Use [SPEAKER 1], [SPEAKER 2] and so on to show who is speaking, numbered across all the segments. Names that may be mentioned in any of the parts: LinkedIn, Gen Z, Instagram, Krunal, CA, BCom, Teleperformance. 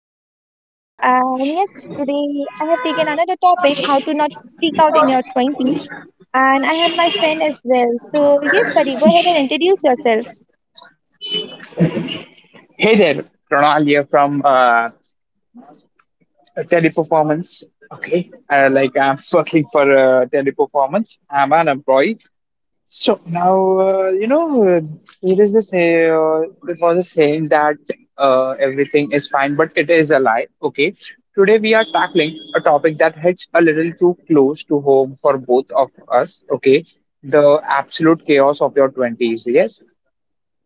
[SPEAKER 1] side Goody. And yes, today I have taken another topic how to not freak out in your 20s. And I have my friend as well. So, yes, buddy, go ahead and introduce yourself.
[SPEAKER 2] Hey there, Ronald here from Teleperformance. Like I'm working for Teleperformance. I'm an employee. So now you know there is this there was a saying that everything is fine, but it is a lie. Okay. Today we are tackling a topic that hits a little too close to home for both of us. Okay, the absolute chaos of your twenties. Yes.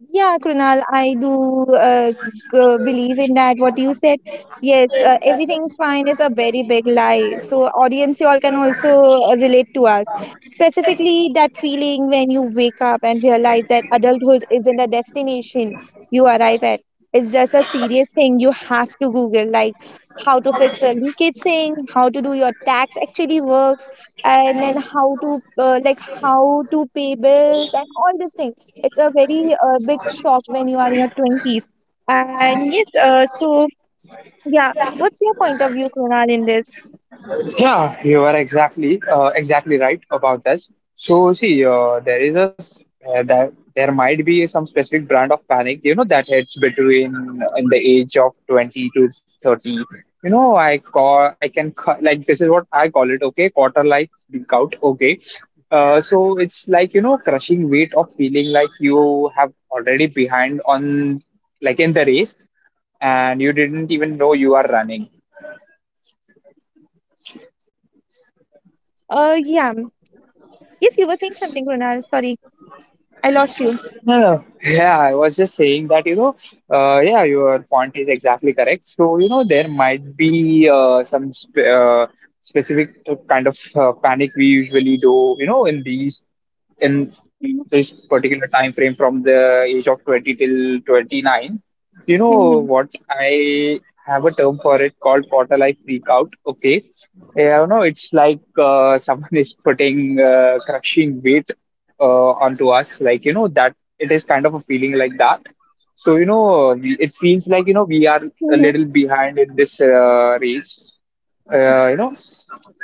[SPEAKER 1] Yeah, Krunal, I do believe in that. What you said, yes, everything's fine is a very big lie. So, audience, you all can also relate to us. Specifically, that feeling when you wake up and realize that adulthood isn't a destination you arrive at. It's just a serious thing you have to Google, like how to fix a leakage sink, how to do your tax actually works, and then how to how to pay bills and all these things it's a very big shock when you are in your 20s. And yes, so yeah, what's your point of view, Krunal, in this?
[SPEAKER 2] Yeah, you are exactly right about this. So see, there is a s- that there might be some specific brand of panic, you know, that hits between in the age of 20 to 30. You know, I call I can ca- like this is what I call it. Okay, quarter life breakout. Okay, so it's like you know, crushing weight of feeling like you have already behind on like in the race, and you didn't even know you are running.
[SPEAKER 1] Uh, yeah, yes, you were saying something, Krunal. Sorry, I lost you.
[SPEAKER 2] No, no. Yeah, I was just saying that, you know, yeah, your point is exactly correct. So, you know, there might be some sp specific kind of panic we usually do, you know, in this
[SPEAKER 1] Mm-hmm.
[SPEAKER 2] particular time frame from the age of 20 till 29. You know
[SPEAKER 1] Mm-hmm.
[SPEAKER 2] what? I have a term for it called quarter life freak out. Okay. Yeah, you know, it's like someone is putting crushing weight onto us. Like, you know, that it is kind of a feeling like that. So, you know, it feels like, you know, we are a little behind in this race, you know,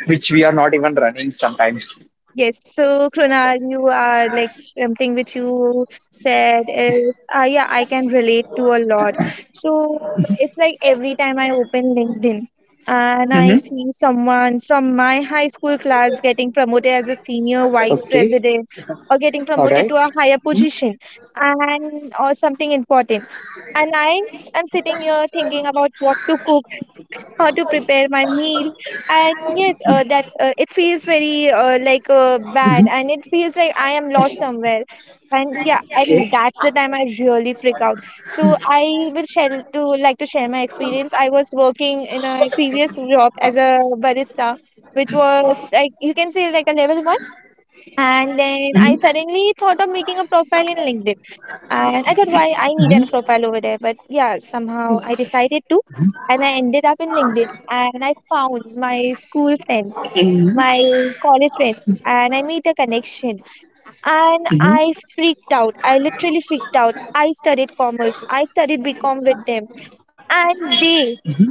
[SPEAKER 2] which we are not even running sometimes.
[SPEAKER 1] Yes, so Krunal, you are like something which you said is, yeah, I can relate to a lot. So it's like every time I open LinkedIn and I
[SPEAKER 2] Mm-hmm.
[SPEAKER 1] see someone from my high school class getting promoted as a senior vice
[SPEAKER 2] Okay.
[SPEAKER 1] president or getting
[SPEAKER 2] All
[SPEAKER 1] promoted
[SPEAKER 2] right.
[SPEAKER 1] to a higher
[SPEAKER 2] Mhm.
[SPEAKER 1] position and or something important. And I am sitting here thinking about what to cook, how to prepare my meal, and yet that's it feels very bad,
[SPEAKER 2] Mm-hmm.
[SPEAKER 1] and it feels like I am lost somewhere. And yeah, and
[SPEAKER 2] Okay.
[SPEAKER 1] that's the time I really freak out. So I will share to like to share my experience. I was working in a previous job as a barista, which was like, you can say, like a level one. And then I
[SPEAKER 2] Mm-hmm.
[SPEAKER 1] suddenly thought of making a profile in LinkedIn. And I thought, why I need a profile over there, but yeah, somehow I decided to. And I ended up in LinkedIn and I found my school friends, my college friends, and I made a connection. And
[SPEAKER 2] Mhm.
[SPEAKER 1] I freaked out. I literally freaked out. I studied commerce, I studied BCom with them. And they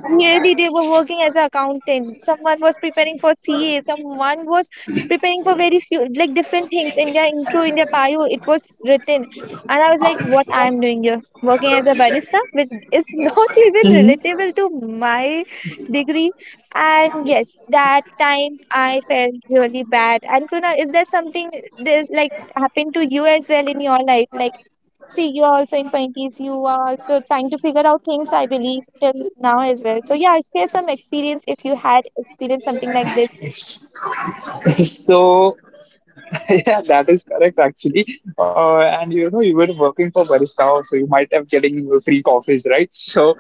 [SPEAKER 1] really they were working as an accountant. Someone was preparing for CA. Someone was preparing for very few like different things. In their intro, in their bio, it was written. And I was like, what I'm doing here, working as a barista, which is not even
[SPEAKER 2] Hmm.
[SPEAKER 1] relatable to my degree. And yes, that time I felt really bad. And Kruna, is there something this like happened to you as well in your life? Like, see, you are also in Pinkies. You are also trying to figure out things, I believe, till now as well. So, yeah, share some experience if you had experienced something like this.
[SPEAKER 2] So yeah, that is correct actually. And you know, you were working for barista, so you might have getting free coffees, right? So,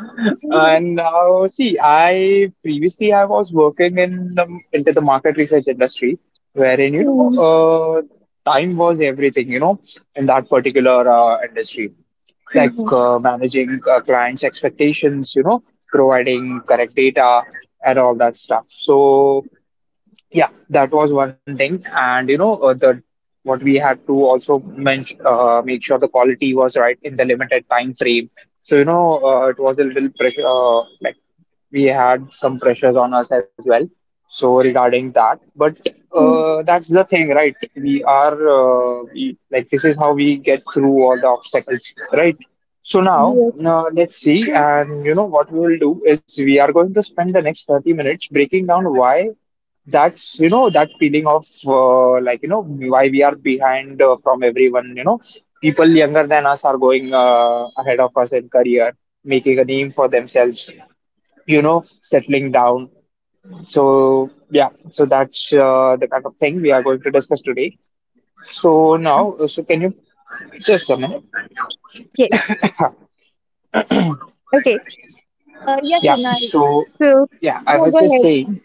[SPEAKER 2] and see, I was working in the into the market research industry, wherein you know,
[SPEAKER 1] Mhm,
[SPEAKER 2] time was everything. You know, in that particular industry, like
[SPEAKER 1] mhm,
[SPEAKER 2] managing clients' expectations. You know, providing correct data and all that stuff. So yeah, that was one thing, and you know the what we had to also mention make sure the quality was right in the limited time frame. So you know it was a little pressure, like we had some pressures on us as well. So regarding that, but
[SPEAKER 1] mhm.
[SPEAKER 2] that's the thing, right? Like this is how we get through all the obstacles, right? So now,
[SPEAKER 1] Yes.
[SPEAKER 2] let's see,
[SPEAKER 1] Mm.
[SPEAKER 2] and you know what we will do is we are going to spend the next 30 minutes breaking down why that's you know that feeling of like you know why we are behind from everyone. You know, people younger than us are going ahead of us in career, making a name for themselves, you know, settling down. So yeah, so that's the kind of thing we are going to discuss today. So now, so can you, just a minute.
[SPEAKER 1] Yes. Okay. Yeah,
[SPEAKER 2] Yeah,
[SPEAKER 1] Kunal.
[SPEAKER 2] so
[SPEAKER 1] So,
[SPEAKER 2] yeah, I
[SPEAKER 1] yeah, go
[SPEAKER 2] was just
[SPEAKER 1] ahead.
[SPEAKER 2] saying.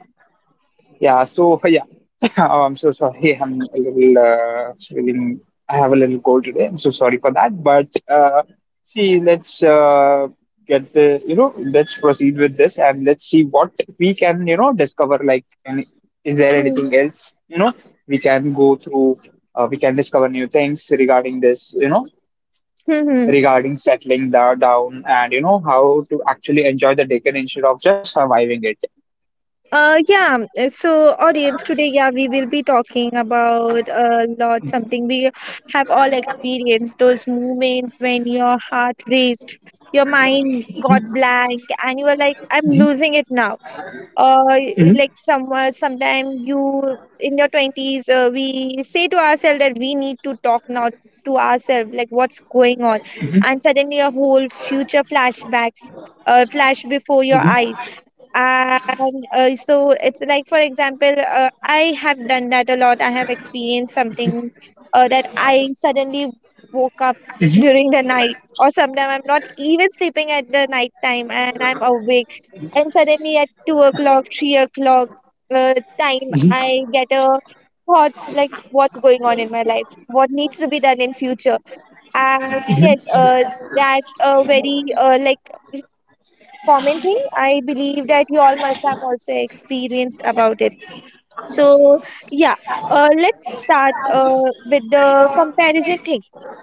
[SPEAKER 2] Yeah, so oh, I'm so sorry. I'm a little feeling. I have a little cold today. I'm so sorry for that. But see, let's get the you know, let's proceed with this and let's see what we can, you know, discover. Like, is there anything else you know we can go through? We can discover new things regarding this. You know,
[SPEAKER 1] Mm-hmm.
[SPEAKER 2] regarding down and you know how to actually enjoy the Deccan instead of just surviving it.
[SPEAKER 1] Yeah, so, audience, today, yeah, we will be talking about a lot, something we have all experienced, those moments when your heart raced, your mind got blank, and you were like, I'm losing it now. Or
[SPEAKER 2] Mhm,
[SPEAKER 1] like somewhere, sometime you in your 20s, we say to ourselves that we need to talk now to ourselves, like what's going on, and suddenly a whole future flashbacks, flash before your
[SPEAKER 2] mhm,
[SPEAKER 1] eyes. And so it's like, for example, I have done that a lot. I have experienced something that I suddenly woke up
[SPEAKER 2] mhm,
[SPEAKER 1] during the night, or sometimes I'm not even sleeping at the night time and I'm awake. And suddenly at 2 o'clock, 3 o'clock uh, time, I get a thoughts like what's going on in my life, what needs to be done in future. And yes, that's a very commenting. I believe that you all must have also experienced about it. So yeah, let's start with the comparison thing.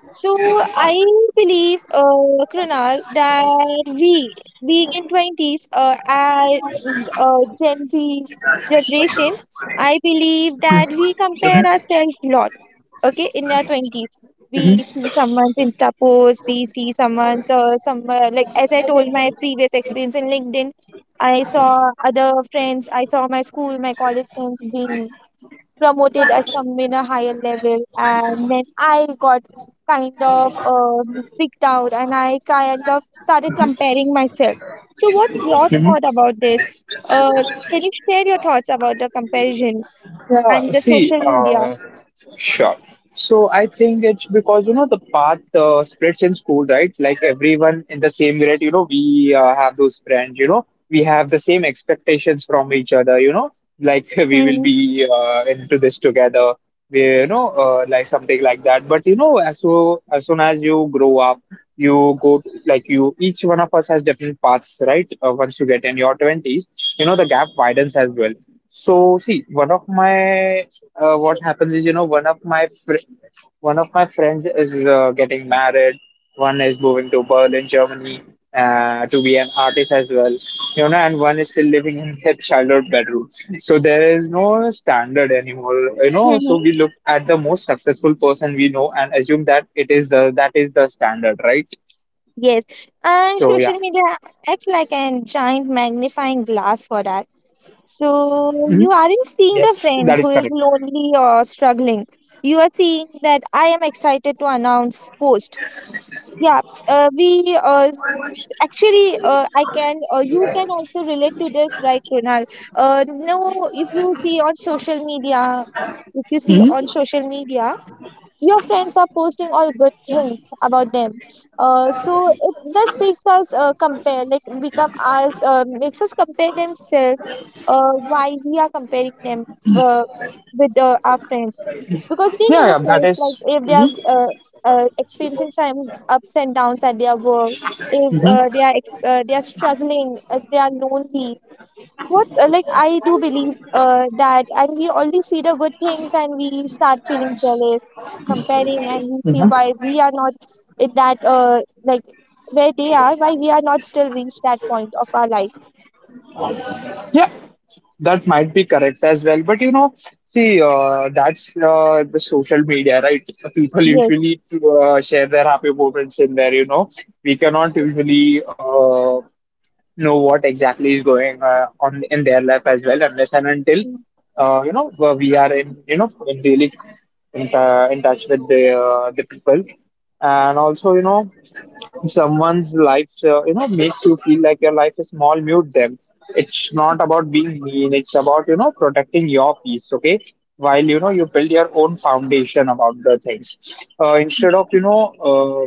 [SPEAKER 1] So I believe, Krunal, that we in twenties, at Gen Z generation, I believe that we compare ourselves a lot. Okay, in our 20s, we see someone's insta post, we see someone's some like as I told my previous experience in LinkedIn, I saw other friends, I saw my school, my college friends being promoted at some in a higher level, and then I got kind of freaked out, and I kind of started comparing myself. So what's your
[SPEAKER 2] mhm.
[SPEAKER 1] thought about this? uh, can you share your thoughts about the comparison
[SPEAKER 2] Yeah,
[SPEAKER 1] and the
[SPEAKER 2] see,
[SPEAKER 1] social media?
[SPEAKER 2] sure. So I think it's because you know the path splits in school, right? Like everyone in the same grade, you know, we have those friends, you know, we have the same expectations from each other, you know, like we will
[SPEAKER 1] Hmm,
[SPEAKER 2] be into this together, we, you know, like something like that. But you know, as so as soon as you grow up, you go like you. Each one of us has different paths, right? Once you get in your twenties, you know, the gap widens as well. So see, one of my what happens is you know one of my friends is getting married. One is moving to Berlin, Germany, to be an artist as well. You know, and one is still living in their childhood bedroom. So there is no standard anymore. You
[SPEAKER 1] hmm,
[SPEAKER 2] know, so we
[SPEAKER 1] hmm.
[SPEAKER 2] look at the most successful person we know and assume that it is the that is the standard, right?
[SPEAKER 1] Yes, and
[SPEAKER 2] So
[SPEAKER 1] social
[SPEAKER 2] yeah.
[SPEAKER 1] media acts like a giant magnifying glass for that. So
[SPEAKER 2] Hmm.
[SPEAKER 1] you aren't seeing the
[SPEAKER 2] Yes, that
[SPEAKER 1] friend
[SPEAKER 2] is
[SPEAKER 1] who is
[SPEAKER 2] correct.
[SPEAKER 1] lonely or struggling. You are seeing that I am excited to announce post. Yeah, we s- actually I can you can also relate to this, right, Ronal? No, if you see on social media, if you see on
[SPEAKER 2] Hmm.
[SPEAKER 1] social media, your friends are posting all good things about them. So it This makes us compare, like become us makes us compare themselves. Why we are comparing them uh, with our friends? Because they
[SPEAKER 2] Yeah,
[SPEAKER 1] never
[SPEAKER 2] yeah, that
[SPEAKER 1] post
[SPEAKER 2] is-
[SPEAKER 1] like if they are
[SPEAKER 2] Mhm.
[SPEAKER 1] experiencing some ups and downs at their work, if
[SPEAKER 2] Mhm.
[SPEAKER 1] they are they are struggling, if they are lonely, what's like I do believe that, and we only see the good things and we start feeling jealous, comparing, and we see
[SPEAKER 2] Mhm.
[SPEAKER 1] why we are not in that where they are, why we are not still reached that point of our life.
[SPEAKER 2] Yeah, that might be correct as well. But you know, see, that's the social media, right? People
[SPEAKER 1] Yes,
[SPEAKER 2] usually share their happy moments in there. You know, we cannot usually. Know what exactly is going on in their life as well, unless and until you know where we are in you know in daily in touch with the people, and also you know someone's life you know makes you feel like your life is small. Mute them. It's not about being mean. It's about you know protecting your peace. Okay. While you know you build your own foundation about the things, instead of you know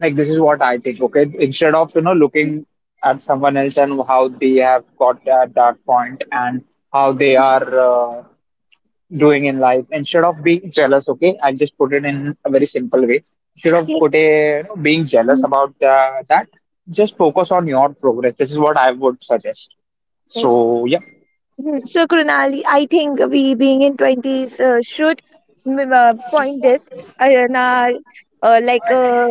[SPEAKER 2] like this is what I think. Okay, instead of you know looking at someone else and how they have got at that point and how they are doing in life, instead of being jealous, okay, I'll just put it in a very simple way. Instead of
[SPEAKER 1] yes,
[SPEAKER 2] put a, You know, being jealous about that, just focus on your progress. This is what I would suggest.
[SPEAKER 1] yes.
[SPEAKER 2] So yeah.
[SPEAKER 1] Hmm. So Krunali, I think we being in 20s should point this in our like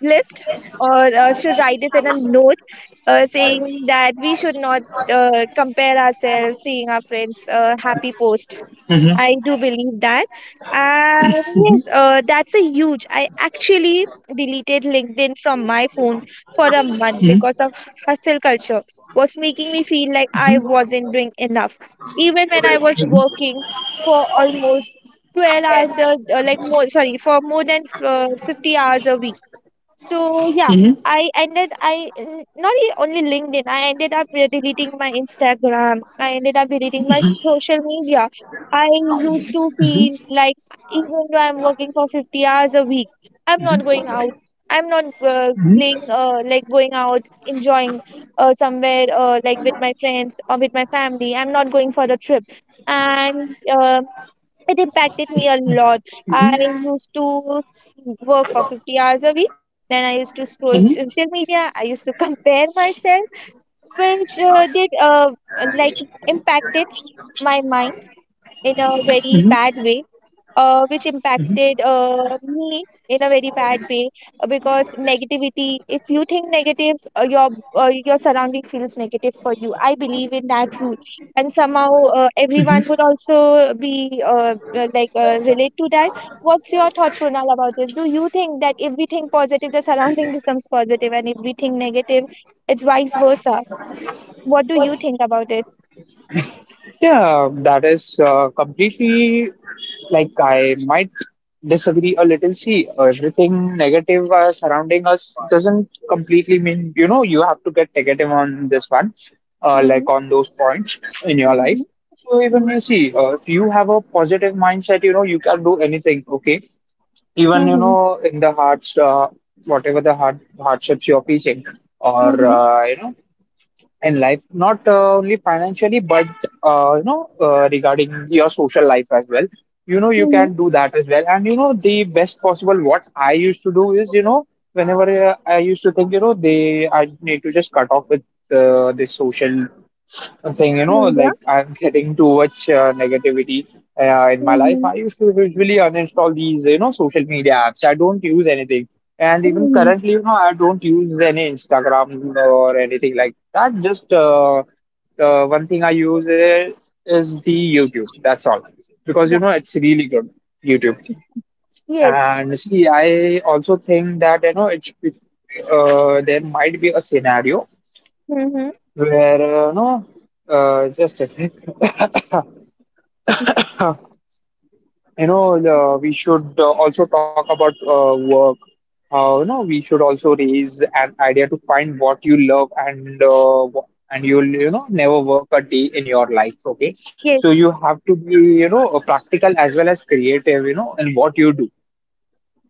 [SPEAKER 1] list, or should write it in a note saying that we should not compare ourselves seeing our friends happy post.
[SPEAKER 2] Mm-hmm.
[SPEAKER 1] I do believe that. And yes,
[SPEAKER 2] Hmm.
[SPEAKER 1] that's a huge. I actually deleted LinkedIn from my phone for a month because of hustle culture was making me feel like I wasn't doing enough, even when I was
[SPEAKER 2] Hmm.
[SPEAKER 1] working for almost 12 hours more, sorry, for more than 50 hours a week. So yeah,
[SPEAKER 2] Hmm.
[SPEAKER 1] I ended I n- not e- only LinkedIn. I ended up deleting my Instagram. I ended up deleting my social media. I used to feel like even though I'm working for 50 hours a week, I'm not going out. I'm not playing like going out, enjoying somewhere like with my friends or with my family. I'm not going for the trip. And it impacted me a lot. I used to work for 50 hours a week. Then I used to scroll
[SPEAKER 2] Hmm.
[SPEAKER 1] social media. I used to compare myself, which did like impacted my mind in a very
[SPEAKER 2] Hmm.
[SPEAKER 1] bad way, which impacted me in a very bad way, because negativity, if you think negative, your surrounding feels negative for you. I believe in that rule, and somehow everyone would also be relate to that. What's your thought, Pronal, about this? Do you think that if we think positive, the surrounding becomes positive, and if we think negative, it's vice versa? What do you think about it?
[SPEAKER 2] Yeah, that is completely, like I might disagree a little. See, everything negative surrounding us doesn't completely mean you know you have to get negative on this one,
[SPEAKER 1] Mm-hmm.
[SPEAKER 2] like on those points in your
[SPEAKER 1] Mm-hmm.
[SPEAKER 2] life. So even
[SPEAKER 1] Mm-hmm.
[SPEAKER 2] you see, if you have a positive mindset, you know you can do anything. Okay, even you
[SPEAKER 1] Mm-hmm.
[SPEAKER 2] know in the hearts, whatever the hardships you're facing, or
[SPEAKER 1] Mm-hmm.
[SPEAKER 2] you know in life, not only financially, but you know, regarding your social life as well. You know, you
[SPEAKER 1] Mm-hmm.
[SPEAKER 2] can do that as well. And you know, the best possible what I used to do is, you know, whenever I used to think, you know, they I need to just cut off with this social, I'm saying, you know, like
[SPEAKER 1] Yeah.
[SPEAKER 2] I'm getting too much negativity in my life.
[SPEAKER 1] Mm-hmm.
[SPEAKER 2] I used to usually uninstall these, you know, social media apps. I don't use anything. And even
[SPEAKER 1] Mhm.
[SPEAKER 2] currently, you know, I don't use any Instagram or anything like that. Just one thing I use is the YouTube. That's all. Because, you
[SPEAKER 1] Yeah.
[SPEAKER 2] know, it's really good, YouTube.
[SPEAKER 1] Yes.
[SPEAKER 2] And see, I also think that, you know, there might be a scenario
[SPEAKER 1] Mm-hmm.
[SPEAKER 2] where, you know, just a second. You know, we should also talk about work. You know, we should also raise an idea to find what you love and and you'll you know never work a day in your life. Okay, so you
[SPEAKER 1] Yes.
[SPEAKER 2] have to be you know practical as well as creative. You know, in what you do.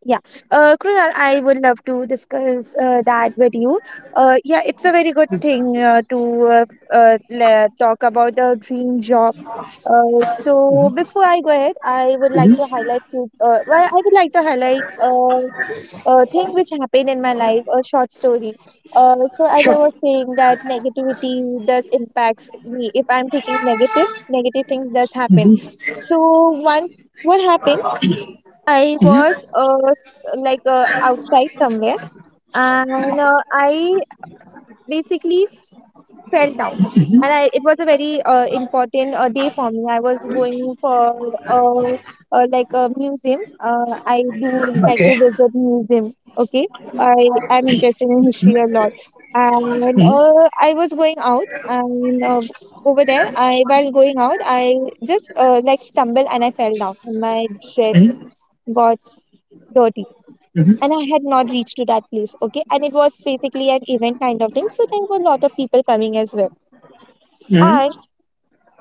[SPEAKER 1] Yeah. Krunal, I would love to discuss that with you. Yeah, it's a very good thing talk about a dream job. So before I go ahead, I would like to
[SPEAKER 2] Hmm.
[SPEAKER 1] highlight few. I would like to highlight. Thing which happened in my life, a short story. So as I
[SPEAKER 2] Sure.
[SPEAKER 1] was saying that negativity does impacts me. If I'm taking negative, negative things does happen. So once what happened, I was
[SPEAKER 2] Hmm.
[SPEAKER 1] outside somewhere, and I basically fell down. It was a very important day for me. I was going for uh, a museum. I do like to
[SPEAKER 2] Okay.
[SPEAKER 1] visit museum. Okay, I am interested in history a lot, and I was going out, and over there, I while going out, I just stumbled and I fell down, and my dress
[SPEAKER 2] Hmm.
[SPEAKER 1] got dirty.
[SPEAKER 2] Hmm.
[SPEAKER 1] And I had not reached to that place, okay? And it was basically an event kind of thing, so there were a lot of people coming as well.
[SPEAKER 2] Hmm.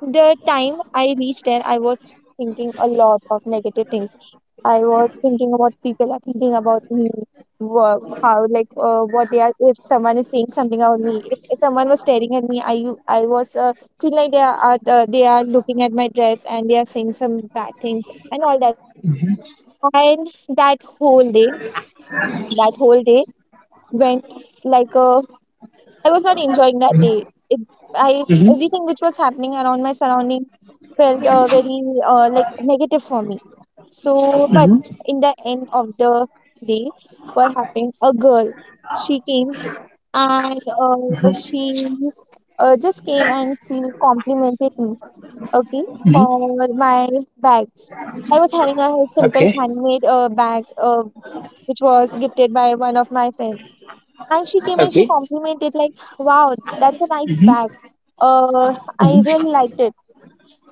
[SPEAKER 1] The time I reached there, I was thinking a lot of negative things. I was thinking what people are thinking about me, how what they are. If someone is saying something about me, if someone was staring at me, I was feel like they are looking at my dress and they are saying some bad things and all that stuff. And that whole day, that whole day went like a I was not enjoying that day. It, I
[SPEAKER 2] Hmm.
[SPEAKER 1] Everything which was happening around my surrounding felt very like negative for me. But in the end of the day, what happened? A girl, she came and
[SPEAKER 2] Hmm.
[SPEAKER 1] she just came and she complimented me. Okay,
[SPEAKER 2] Hmm.
[SPEAKER 1] for my bag. I was having a
[SPEAKER 2] Okay.
[SPEAKER 1] simple handmade bag which was gifted by one of my friends. And she came and
[SPEAKER 2] Okay.
[SPEAKER 1] she complimented, like, wow, that's a nice
[SPEAKER 2] Hmm.
[SPEAKER 1] bag. Uh,
[SPEAKER 2] Hmm.
[SPEAKER 1] I really liked it.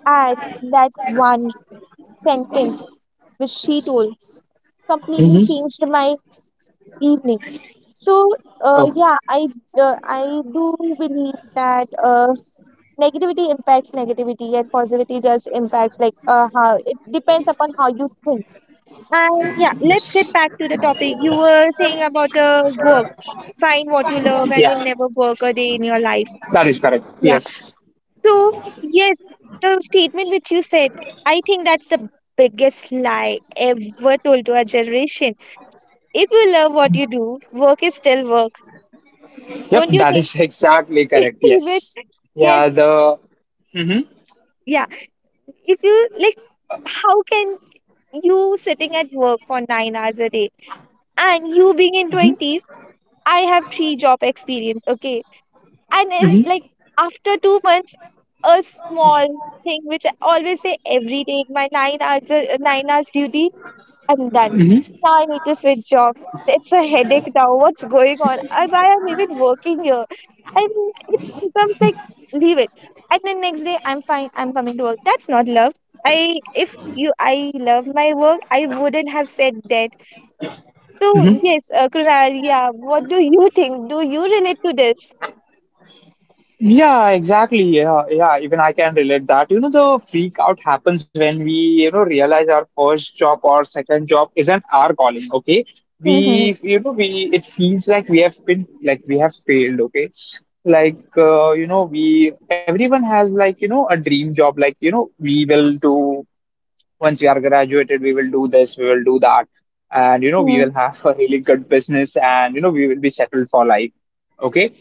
[SPEAKER 1] And that one sentence which she told completely
[SPEAKER 2] Hmm.
[SPEAKER 1] changed my evening. So,
[SPEAKER 2] Oh,
[SPEAKER 1] yeah, I do believe that negativity impacts negativity and positivity does impacts like how it depends upon how you think. And yeah, let's get back to the topic. You were saying about the work, find what you love
[SPEAKER 2] yeah.
[SPEAKER 1] and you'll never work a day in your life.
[SPEAKER 2] That is correct.
[SPEAKER 1] Yeah.
[SPEAKER 2] Yes.
[SPEAKER 1] So, yes, the statement which you said, I think that's the biggest lie ever told to our generation. If you love what you do, work is still work.
[SPEAKER 2] Yep,
[SPEAKER 1] Don't you
[SPEAKER 2] that
[SPEAKER 1] think?
[SPEAKER 2] is exactly correct.
[SPEAKER 1] Which,
[SPEAKER 2] Yes.
[SPEAKER 1] yes,
[SPEAKER 2] Yeah, the Mhm,
[SPEAKER 1] yeah. If you like, how can you sitting at work for 9 hours a day and you being in
[SPEAKER 2] mhm,
[SPEAKER 1] 20s, I have three job experience, okay? And it,
[SPEAKER 2] mhm,
[SPEAKER 1] like, after 2 months, a small thing which I always say every day, my 9 hours duty I'm done.
[SPEAKER 2] mhm,
[SPEAKER 1] Now I need to switch job. It's a headache now. What's going on? I Why I'm even working here. And it becomes like leave it. And then next day I'm fine. I'm coming to work. That's not love. I if you I love my work, I wouldn't have said that. So
[SPEAKER 2] mhm.
[SPEAKER 1] yes, Krunal, yeah. What do you think? Do you relate to this?
[SPEAKER 2] Yeah, exactly. Yeah, yeah. Even I can relate that. You know, the freak out happens when we, you know, realize our first job or second job isn't our calling. Okay,
[SPEAKER 1] Mm-hmm.
[SPEAKER 2] we, you know, we it feels like we have failed. Okay, like you know, we everyone has like you know a dream job. Like you know, we will do once we are graduated we will do this we will do that, and you know we
[SPEAKER 1] mm
[SPEAKER 2] will have a really good business, and you know we will be settled for life. Okay.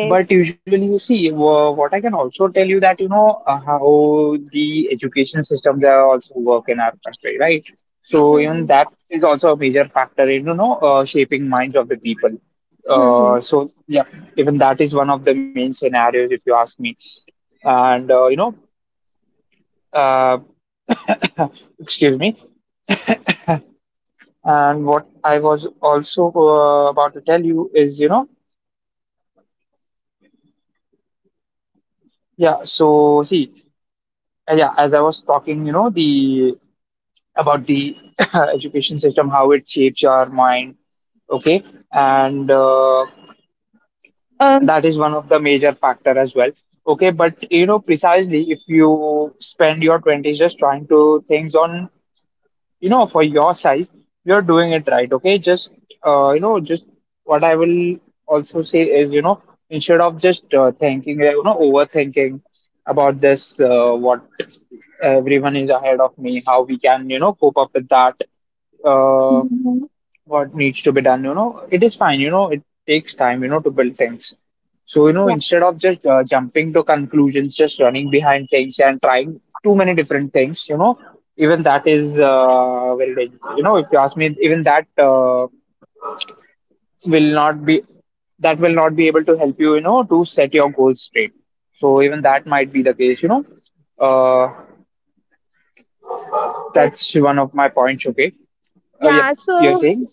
[SPEAKER 2] But usually you see what I can also tell you that you know, how the education system are also work in our country, right? So even
[SPEAKER 1] Mhm.
[SPEAKER 2] that is also a major factor in you know, shaping minds of the people.
[SPEAKER 1] Mhm.
[SPEAKER 2] So yeah. Even that is one of the main scenarios if you ask me. And you know, uh, excuse me. And what I was also about to tell you is, you know, yeah, so see, yeah, as I was talking, you know, the about the education system, how it shapes your mind, okay, and
[SPEAKER 1] Um,
[SPEAKER 2] that is one of the major factor as well, okay. But you know, precisely if you spend your twenties just trying to things on you know for your size, you're doing it right, okay, just you know, just what I will also say is, you know, instead of just thinking you know, overthinking about this, what everyone is ahead of me, how we can you know cope up with that, uh,
[SPEAKER 1] hmm
[SPEAKER 2] what needs to be done. You know, it is fine, you know, it takes time, you know, to build things. So you know,
[SPEAKER 1] Yeah.
[SPEAKER 2] instead of just jumping to conclusions, just running behind things and trying too many different things, you know, even that is very dangerous, you know, if you ask me, even that will not be that will not be able to help you, you know, to set your goals straight. So even that might be the case, you know. uh,
[SPEAKER 1] that-
[SPEAKER 2] that's one of my points, okay. Yep,
[SPEAKER 1] yeah,
[SPEAKER 2] you're
[SPEAKER 1] so
[SPEAKER 2] saying.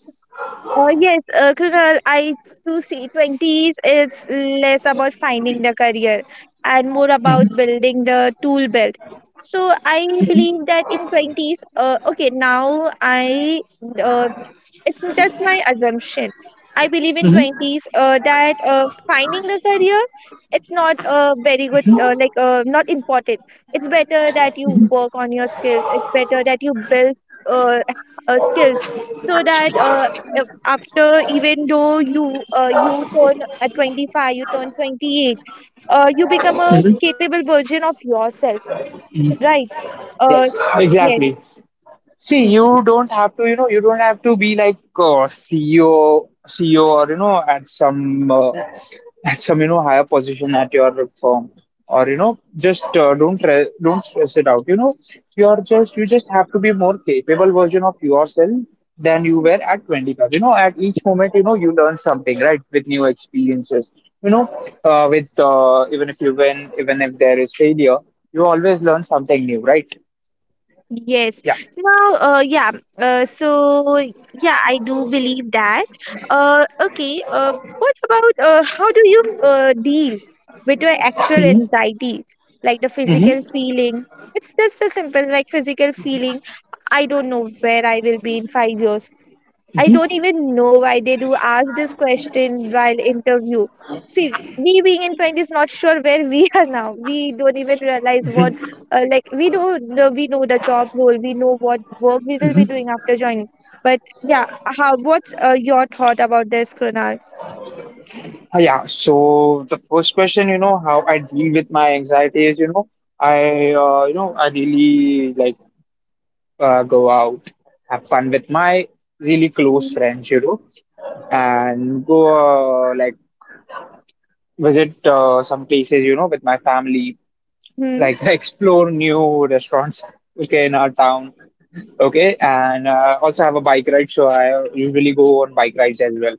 [SPEAKER 1] Yes, Krunal, I to see 20s, it's less about finding the career and more about building the tool belt. So I believe that in 20s, okay, now I uh, it's just my assumption. I believe in
[SPEAKER 2] Mm-hmm.
[SPEAKER 1] 20s that finding a career, it's not very good, not important. It's better that you work on your skills. It's better that you build uh, skills so that after even though you turn at 25, you turn 28, you become a capable version of yourself, right? Uh,
[SPEAKER 2] Yes,
[SPEAKER 1] s- yes.
[SPEAKER 2] exactly. See, you don't have to, you know, you don't have to be like CEO, CEO, or you know, at some you know higher position at your firm, or you know, just don't stress it out. You know, you're just you just have to be more capable version of yourself than you were at 25. You know, at each moment, you know, you learn something, right, with new experiences. You know, with even if you win, even if there is failure, you always learn something new, right?
[SPEAKER 1] Yes.
[SPEAKER 2] Yeah.
[SPEAKER 1] Now, yeah. Uh, so, yeah, I do believe that. Okay. What about how do you deal with your actual
[SPEAKER 2] Hmm.
[SPEAKER 1] anxiety, like the physical
[SPEAKER 2] Hmm.
[SPEAKER 1] feeling? It's just a simple, like physical feeling. I don't know where I will be in 5 years. I don't even know why they do ask this question while interview. See, we being in print is not sure where we are now. We don't even realize
[SPEAKER 2] Hmm.
[SPEAKER 1] like we do. We know the job role. We know what work we will be
[SPEAKER 2] Hmm.
[SPEAKER 1] doing after joining. But yeah, how? What's your thought about this, Krunal?
[SPEAKER 2] Yeah. So the first question, you know, how I deal with my anxiety is, you know, I really like go out, have fun with my really close friends, you know, and go like visit some places, you know, with my family,
[SPEAKER 1] Hmm.
[SPEAKER 2] like explore new restaurants, okay, in our town, okay, and also have a bike ride. So I usually go on bike rides as well.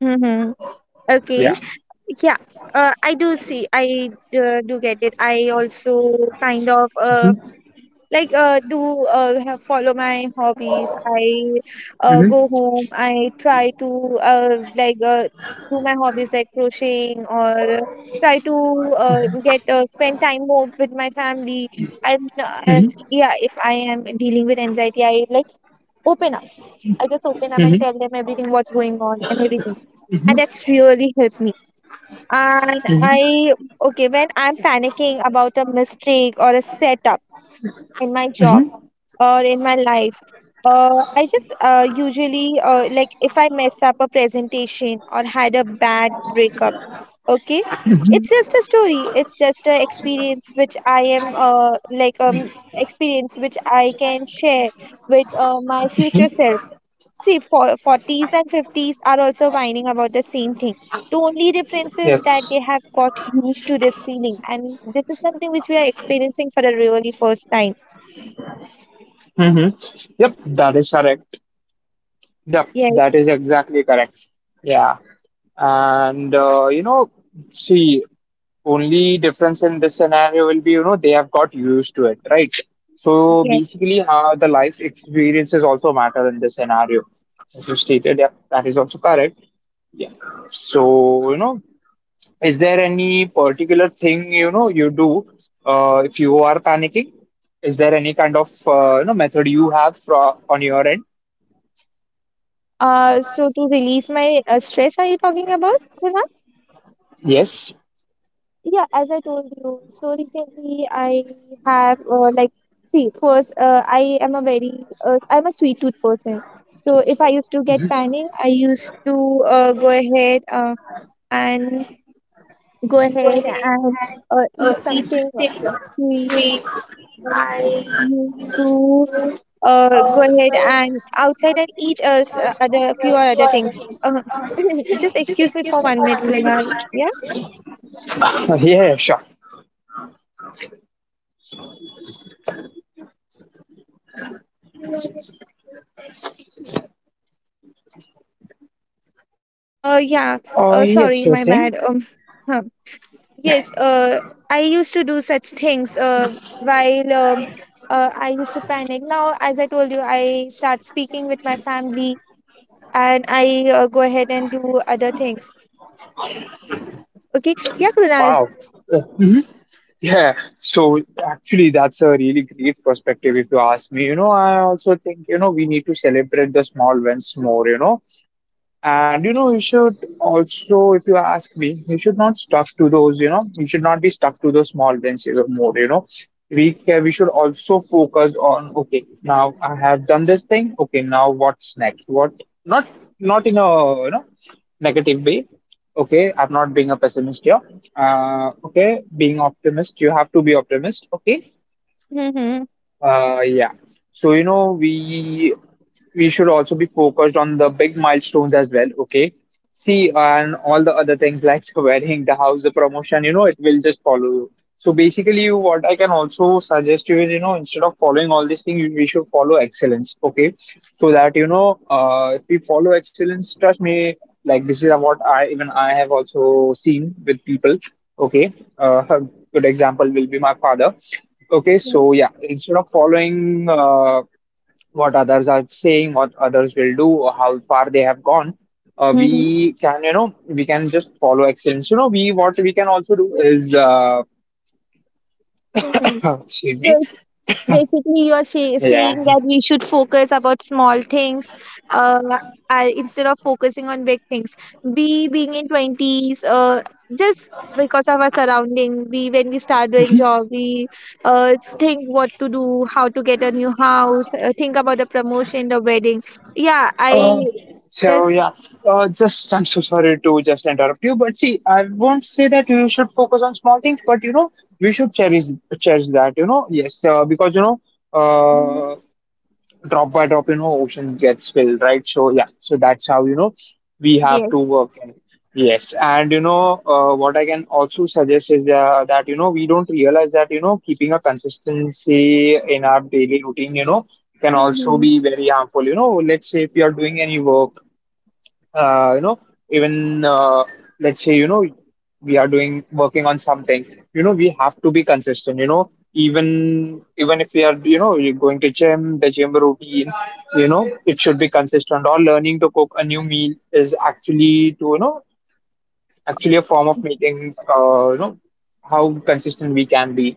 [SPEAKER 1] Hmm.
[SPEAKER 2] Yeah.
[SPEAKER 1] Okay. Yeah. I do see. I Do get it. I also kind of like do have follow my hobbies. I go
[SPEAKER 2] Hmm.
[SPEAKER 1] home. I try to do my hobbies like crocheting or try to get spend time more with my family and
[SPEAKER 2] Hmm.
[SPEAKER 1] yeah, if I am dealing with anxiety, I like open up. I just open up and tell
[SPEAKER 2] Mm-hmm.
[SPEAKER 1] them everything what's going on and everything, and that's really helped me. And I
[SPEAKER 2] Mm-hmm.
[SPEAKER 1] Okay, when I'm panicking about a mistake or a setup in my job
[SPEAKER 2] Mm-hmm.
[SPEAKER 1] or in my life. Uh, I just usually Like if I mess up a presentation or had a bad breakup, okay, it's just a story. It's just an experience which I am like experience which I can share with my future self. See, for 40s and 50s are also whining about the same thing. The only difference is that
[SPEAKER 2] Yes.
[SPEAKER 1] they have got used to this feeling, and this is something which we are experiencing for the really first time.
[SPEAKER 2] Mm-hmm. Yep, that is correct. Yep, that
[SPEAKER 1] Yes,
[SPEAKER 2] is exactly correct. Yeah. And, you know, see, only difference in this scenario will be, you know, they have got used to it, right? So
[SPEAKER 1] yes.
[SPEAKER 2] basically, how the life experiences also matter in this scenario. As you stated, yep, that is also correct. Yeah. So, you know, is there any particular thing you know you do if you are panicking? Is there any kind of you know method you have fro on your end?
[SPEAKER 1] So to release my stress, are you talking about, Kunal?
[SPEAKER 2] Yes.
[SPEAKER 1] Yeah, as I told you, so recently I have like see, first I am a very I'm a sweet tooth person. So if I used to get panic, I used to and go ahead and eat something sweet. I used to go ahead and outside and eat us other few or other things. Just excuse me for 1 minute, Kunal. Yeah.
[SPEAKER 2] Yeah, sure.
[SPEAKER 1] Yeah.
[SPEAKER 2] Oh, yes,
[SPEAKER 1] Sorry,
[SPEAKER 2] you're
[SPEAKER 1] my
[SPEAKER 2] saying?
[SPEAKER 1] bad. Huh. Yes. I used to do such things. While I used to panic. Now, as I told you, I start speaking with my family, and I go ahead and do other things. Okay. Yeah, Kunal.
[SPEAKER 2] Wow. Hmm. Yeah. So actually, that's a really great perspective if you ask me. You know, I also think, you know, we need to celebrate the small wins more, you know. And you know, you should also, if you ask me, you should not stuck to those, you know, you should not be stuck to those small benches or more, you know. We should also focus on, okay, now I have done this thing. Okay, now what's next? What not, not in a you know negative way. Okay, I'm not being a pessimist here. Okay, being optimist, you have to be optimist. Okay,
[SPEAKER 1] Mm-hmm.
[SPEAKER 2] yeah. So, you know, we should also be focused on the big milestones as well, okay? See, and all the other things like the wedding, the house, the promotion, you know, it will just follow you. So basically, what I can also suggest you is, you know, instead of following all these things, we should follow excellence, okay? So that, you know, if we follow excellence, trust me, like this is what I even I have also seen with people, okay? Good example will be my father. Okay,
[SPEAKER 1] Mm-hmm.
[SPEAKER 2] so yeah, instead of following what others are saying, what others will do, or how far they have gone,
[SPEAKER 1] Mm-hmm.
[SPEAKER 2] we can, you know, we can just follow excellence. You know, we what we can also do is,
[SPEAKER 1] Mm-hmm.
[SPEAKER 2] excuse me,
[SPEAKER 1] So, basically you're
[SPEAKER 2] yeah.
[SPEAKER 1] saying that we should focus about small things, uh, instead of focusing on big things. We being in 20s, just because of our surrounding, we when we start doing job, we think what to do, how to get a new house, think about the promotion, the wedding. Yeah I
[SPEAKER 2] Uh, so yeah,
[SPEAKER 1] just
[SPEAKER 2] just I'm so sorry to just interrupt you, but see, I won't say that you should focus on small things, but you know, we should cherish that. You know, yes, because you know.
[SPEAKER 1] Mhm.
[SPEAKER 2] Uh, Drop by drop, you know, ocean gets filled, right? So yeah, so that's how, you know, we have
[SPEAKER 1] Yes.
[SPEAKER 2] to work in. Yes. And you know, what I can also suggest is that, you know, we don't realize that, you know, keeping a consistency in our daily routine, you know, can also
[SPEAKER 1] Mhm.
[SPEAKER 2] be very harmful. You know, let's say if you are doing any work, you know, even let's say you know we are doing working on something, you know we have to be consistent, you know, even if we are you know you're going to gym, the gym routine, you know it should be consistent, or learning to cook a new meal is actually to you know actually a form of making you know how consistent we can be.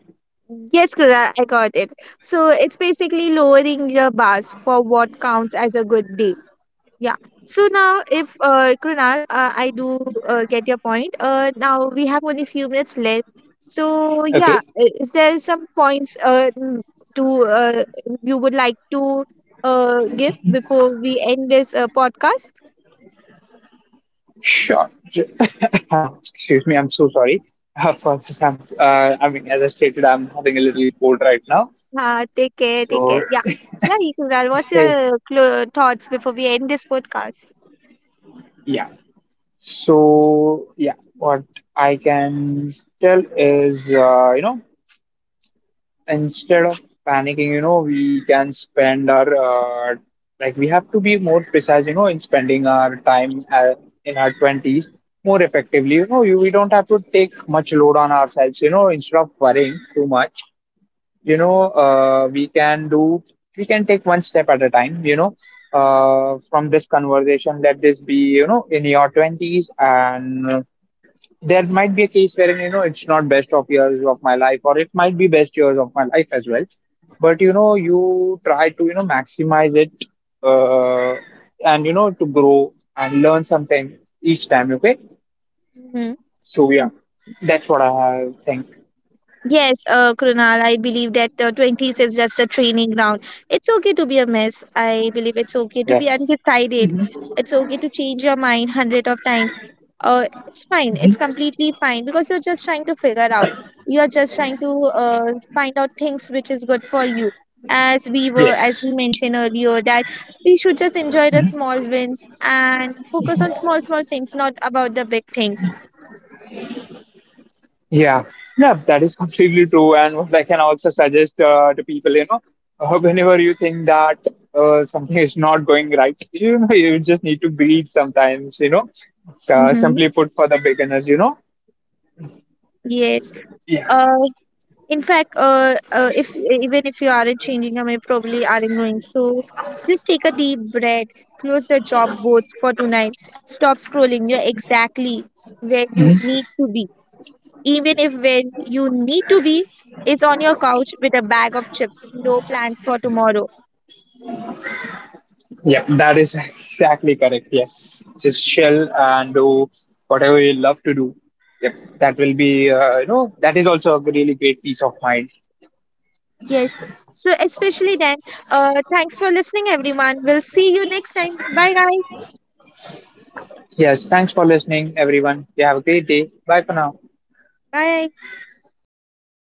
[SPEAKER 1] Yes, Kura, I got it. So it's basically lowering your bars for what counts as a good day. Yeah. So now, if Krunal, I do get your point. Now we have only few minutes left. So yeah,
[SPEAKER 2] Okay,
[SPEAKER 1] is there some points to you would like to give before we end this podcast?
[SPEAKER 2] sure. Excuse me, I'm so sorry. I mean, as I stated, I'm having a little cold right now.
[SPEAKER 1] Take care. Take
[SPEAKER 2] So
[SPEAKER 1] care. Yeah. Yeah, Krunal. What's
[SPEAKER 2] hey,
[SPEAKER 1] your thoughts before we end this podcast?
[SPEAKER 2] yeah. So, yeah, what I can tell is, you know, instead of panicking, you know, we can spend our, like, we have to be more precise, you know, in spending our time in our 20s more effectively. You know, we don't have to take much load on ourselves, you know, instead of worrying too much. You know, we can take one step at a time, you know. From this conversation, let this be, you know, in your 20s, and there might be a case wherein you know it's not best of years of my life, or it might be best years of my life as well, but you know you try to you know maximize it, uh, and you know to grow and learn something each time, okay.
[SPEAKER 1] Hmm.
[SPEAKER 2] So yeah, that's what I think.
[SPEAKER 1] Yes, Krunal, I believe that 20s is just a training ground. It's okay to be a mess. I believe it's okay to be
[SPEAKER 2] Yes.
[SPEAKER 1] undecided. It's okay to change your mind 100 of times. It's fine. It's completely fine because you're just trying to figure out. You are just trying to find out things which is good for you. As
[SPEAKER 2] Yes.
[SPEAKER 1] we mentioned earlier, that we should just enjoy the small wins and focus on small, small things, not about the big things.
[SPEAKER 2] Yeah, yeah, that is completely true. And what I can also suggest to people, you know, whenever you think that something is not going right, you know, you just need to breathe sometimes, you know, so, simply
[SPEAKER 1] Mm-hmm.
[SPEAKER 2] put for the beginners, you know.
[SPEAKER 1] Yes.
[SPEAKER 2] Yeah.
[SPEAKER 1] Uh, In fact, if even if you aren't changing, I may probably aren't going. So just take a deep breath, close the job boards for tonight. Stop scrolling. You're exactly where you
[SPEAKER 2] Mhm.
[SPEAKER 1] need to be. Even if where you need to be is on your couch with a bag of chips. No plans for tomorrow.
[SPEAKER 2] Yeah, that is exactly correct. Yes, just chill and do whatever you love to do. Yep, that will be, you know, that is also a really great peace of mind.
[SPEAKER 1] Yes. So especially then, thanks for listening, everyone. We'll see you next time. Bye, guys.
[SPEAKER 2] Yes, thanks for listening, everyone. You have a great day. Bye for now.
[SPEAKER 1] Bye.
[SPEAKER 2] Bye.